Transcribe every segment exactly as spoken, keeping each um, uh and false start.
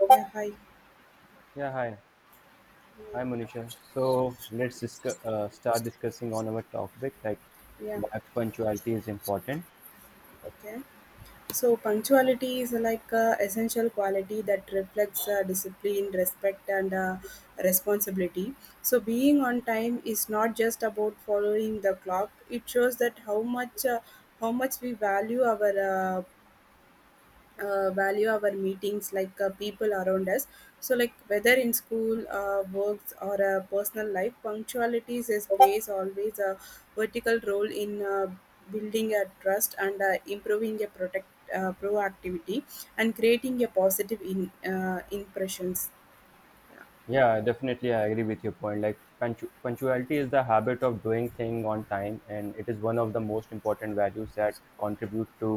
Yeah, hi. Yeah, hi. Hi, Manisha. So let's discuss, uh, start discussing on our topic, like Yeah, why punctuality is important. okay. So punctuality is like a essential quality that reflects uh, discipline, respect, and uh, responsibility. So being on time is not just about following the clock. It shows that how much uh, how much we value our uh, uh, value our meetings like uh, people around us, so like whether in school uh, works or uh, personal life, punctuality is plays always a vertical role in uh, building a trust and uh, improving a protect uh, proactivity and creating a positive in, uh, impressions. Yeah, definitely, I agree with your point. Like punctu- punctuality is the habit of doing thing on time, and it is one of the most important values that contribute to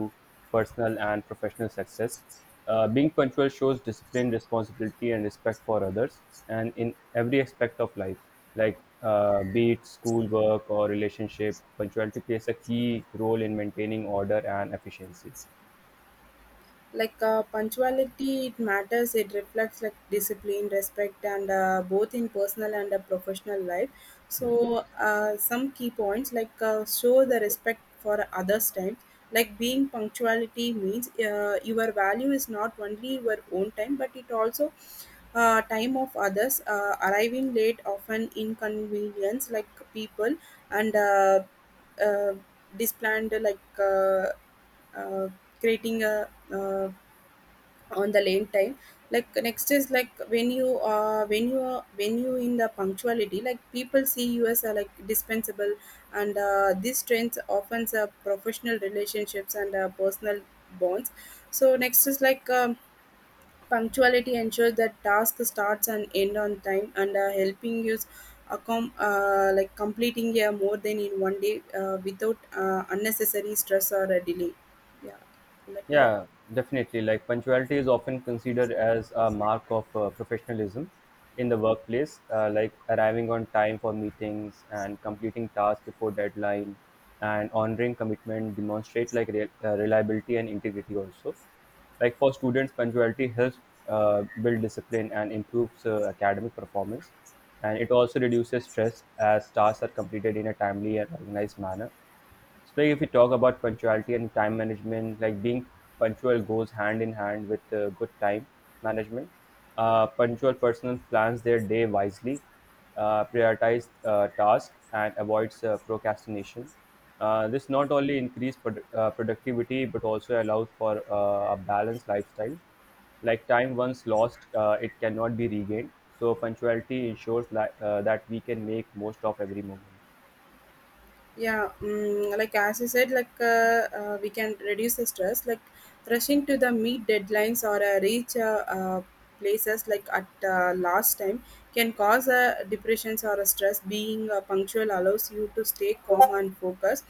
personal and professional success. Uh, being punctual shows discipline, responsibility, and respect for others, and in every aspect of life, like uh, be it school, work, or relationship, punctuality plays a key role in maintaining order and efficiency. Like uh, punctuality, it matters, it reflects like discipline, respect, and uh, both in personal and uh, professional life. Yes. So uh, some key points like uh, show the respect for others time. Like being punctuality means uh, your value is not only your own time but it also uh, time of others. Uh, arriving late often inconvenience like people and uh, uh, displanned like uh, uh, creating a uh, on the lane time. Like next is like when you uh when you are when you in the punctuality, like people see you as uh, like dispensable and uh, these trends often uh, professional relationships and uh, personal bonds. So next is like um, punctuality ensures that task starts and end on time and uh, helping you accom- uh, like completing uh, more than in one day uh, without uh, unnecessary stress or a delay. Yeah, like that. Yeah, definitely. Like punctuality is often considered as a mark of uh, professionalism in the workplace, uh, like arriving on time for meetings and completing tasks before deadline and honoring commitment demonstrate like re- uh, reliability and integrity also. Like for students, punctuality helps uh, build discipline and improves uh, academic performance. And it also reduces stress as tasks are completed in a timely and organized manner. Especially if we talk about punctuality and time management, like being punctual goes hand in hand with uh, good time management. Uh, punctual person plans their day wisely, uh, prioritize uh, tasks, and avoids uh, procrastination. Uh, this not only increases produ- uh, productivity but also allows for uh, a balanced lifestyle. Like time once lost, uh, it cannot be regained, so punctuality ensures li- uh, that we can make most of every moment. Yeah. mm, like as you said, like uh, uh, we can reduce the stress like rushing to the meet deadlines or uh, reach uh, uh, places like at uh, last time can cause uh, depressions or a stress. Being uh, punctual allows you to stay calm and focus.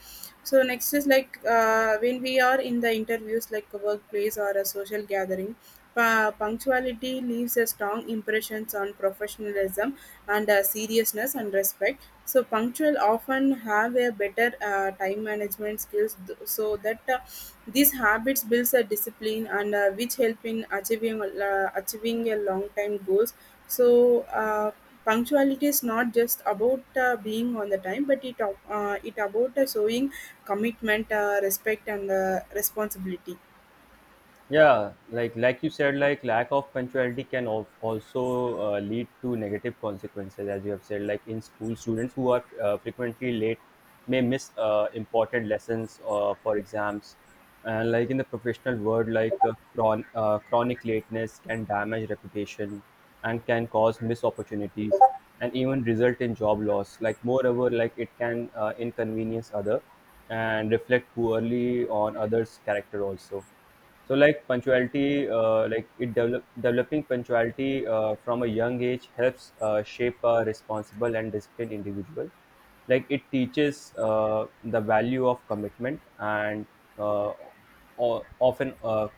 So next is like uh, when we are in the interviews like a workplace or a social gathering, pu- punctuality leaves a strong impressions on professionalism and uh, seriousness and respect. So punctual often have a better uh, time management skills th- so that uh, these habits builds a discipline and uh, which help in achieving uh, achieving a long time goals. So uh, punctuality is not just about uh, being on the time but it, ab- uh, it about uh, showing commitment, uh, respect, and uh, responsibility. Yeah, like like you said, like lack of punctuality can al- also uh, lead to negative consequences. As you have said, like in school, students who are uh, frequently late may miss uh, important lessons uh, for exams. And like in the professional world, like uh, chron- uh, chronic lateness can damage reputation and can cause missed opportunities and even result in job loss. Like moreover, like it can uh, inconvenience other and reflect poorly on others character also. So like punctuality, uh, like it develop, developing punctuality uh, from a young age helps uh, shape a responsible and disciplined individual. Like it teaches uh, the value of commitment and uh, o- often uh,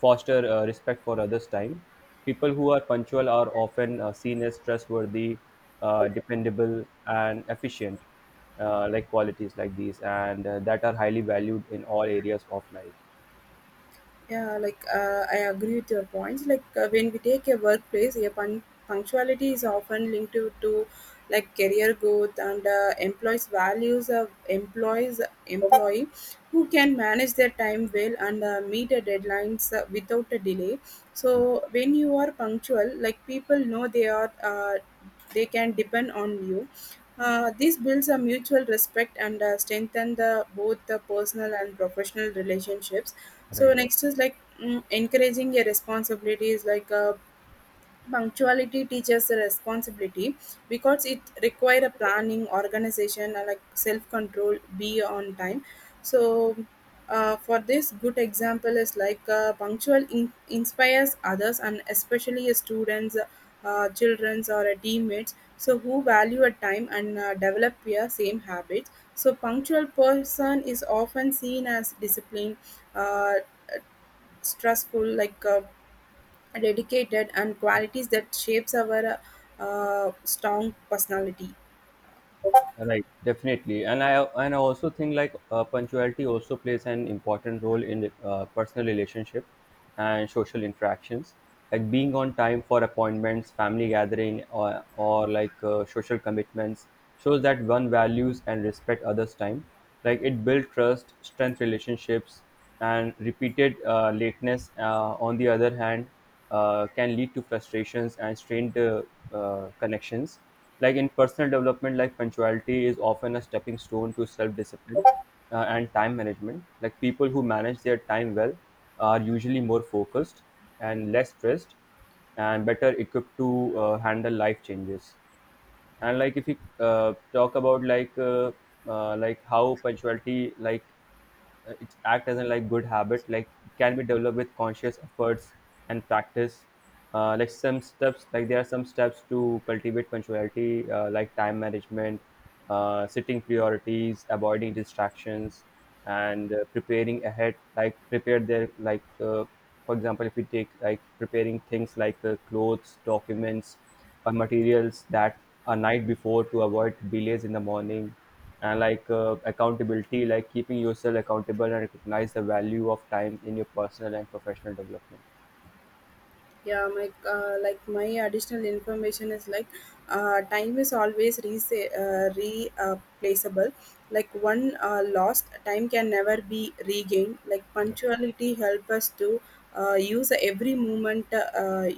foster uh, respect for others' time. People who are punctual are often uh, seen as trustworthy, uh, dependable, and efficient, uh, like qualities like these, and uh, that are highly valued in all areas of life. Yeah, like uh, I agree with your points. Like uh, when we take a workplace, a pun- punctuality is often linked to, to like career growth and uh, employees' values of employees employee who can manage their time well and uh, meet the deadlines uh, without a delay. So when you are punctual, like people know they are uh, they can depend on you. Uh, this builds a mutual respect and uh, strengthen the both the personal and professional relationships. So Right. next is like mm, encouraging your responsibilities. Like uh, punctuality teaches the responsibility because it require a planning, organization, and like self control. Be on time. So uh, for this, good example is like uh, punctual in- inspires others and especially students, uh, childrens, or uh, teammates. So who value a time and uh, develop your same habits. So punctual person is often seen as disciplined. Uh, Stressful like uh, dedicated and qualities that shapes our uh, uh, strong personality. Right, definitely, and I and I also think like uh, punctuality also plays an important role in uh, personal relationship and social interactions. Like being on time for appointments, family gathering, or or like uh, social commitments shows that one values and respect others' time. Like it builds trust, strength relationships, and repeated uh, lateness. Uh, on the other hand, uh, can lead to frustrations and strained uh, uh, connections. Like in personal development, like punctuality is often a stepping stone to self-discipline uh, and time management. Like people who manage their time well are usually more focused and less stressed and better equipped to uh, handle life changes. And like if we uh, talk about like uh, uh, like how punctuality like uh, it act as a like good habit, like it can be developed with conscious efforts and practice. Uh, like some steps, like there are some steps to cultivate punctuality, uh, like time management, uh, setting priorities, avoiding distractions, and uh, preparing ahead. Like prepare their, like uh, for example, if we take like preparing things like uh, clothes, documents, or materials that a night before to avoid delays in the morning. And like uh, accountability, like keeping yourself accountable and recognize the value of time in your personal and professional development. Yeah, my uh, like my additional information is like uh, time is always re- uh, replaceable. Like one uh, lost time can never be regained. Like punctuality help us to uh, use every moment uh, uh,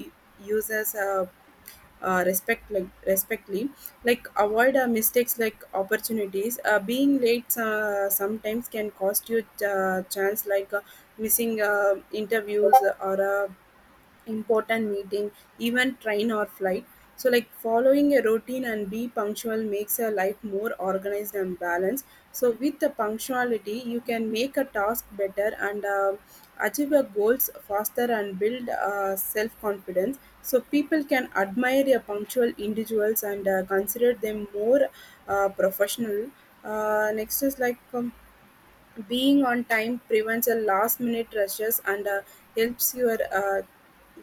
uses uh, uh, respect like respectfully, like avoid uh, mistakes like opportunities. Uh, being late uh, sometimes can cost you uh, chance like uh, missing uh, interviews or uh, important meeting, even train or flight. So, like following a routine and be punctual makes your life more organized and balanced. So, with the punctuality, you can make a task better and uh, achieve your goals faster and build uh, self confidence. So, people can admire your punctual individuals and uh, consider them more uh, professional. Uh, next is like um, being on time prevents a last-minute rushes and uh, helps your uh,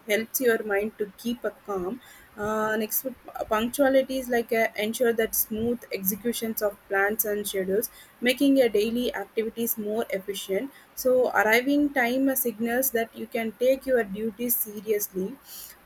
helps your mind to keep a calm. Uh, next, uh, punctuality is like uh, ensure that smooth executions of plans and schedules, making your daily activities more efficient. So, arriving time uh, signals that you can take your duties seriously.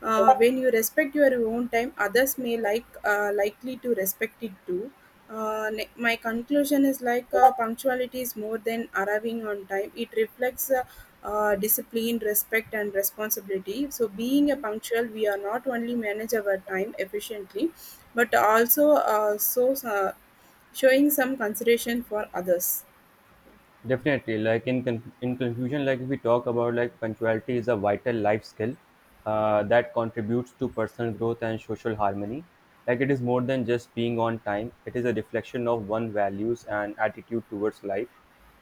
Uh, when you respect your own time, others may like uh, likely to respect it too. Uh, ne- my conclusion is like uh, punctuality is more than arriving on time. It reflects uh, uh, discipline, respect, and responsibility. So, being a punctual, we are not only manage our time efficiently, but also uh, so uh, showing some consideration for others. Definitely, like in con- in conclusion, like if we talk about, like punctuality is a vital life skill uh, that contributes to personal growth and social harmony. Like it is more than just being on time; it is a reflection of one values and attitude towards life.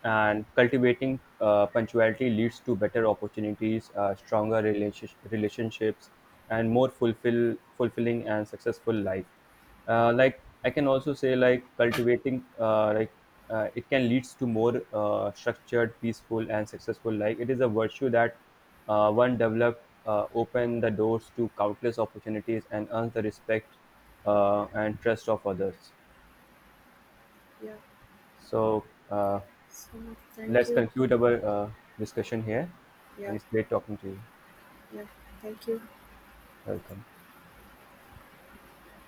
And cultivating uh, punctuality leads to better opportunities, uh, stronger relationship relationships, and more fulfill fulfilling and successful life. Uh, like i can also say, like cultivating, uh, like uh, it can leads to more uh, structured, peaceful and successful life. It is a virtue that uh, one developed, uh, open the doors to countless opportunities and earns the respect uh, and trust of others. Yeah. So uh, So thank let's you. conclude our uh, discussion here, Yeah. and it's great talking to you. Yeah. Thank you. Welcome.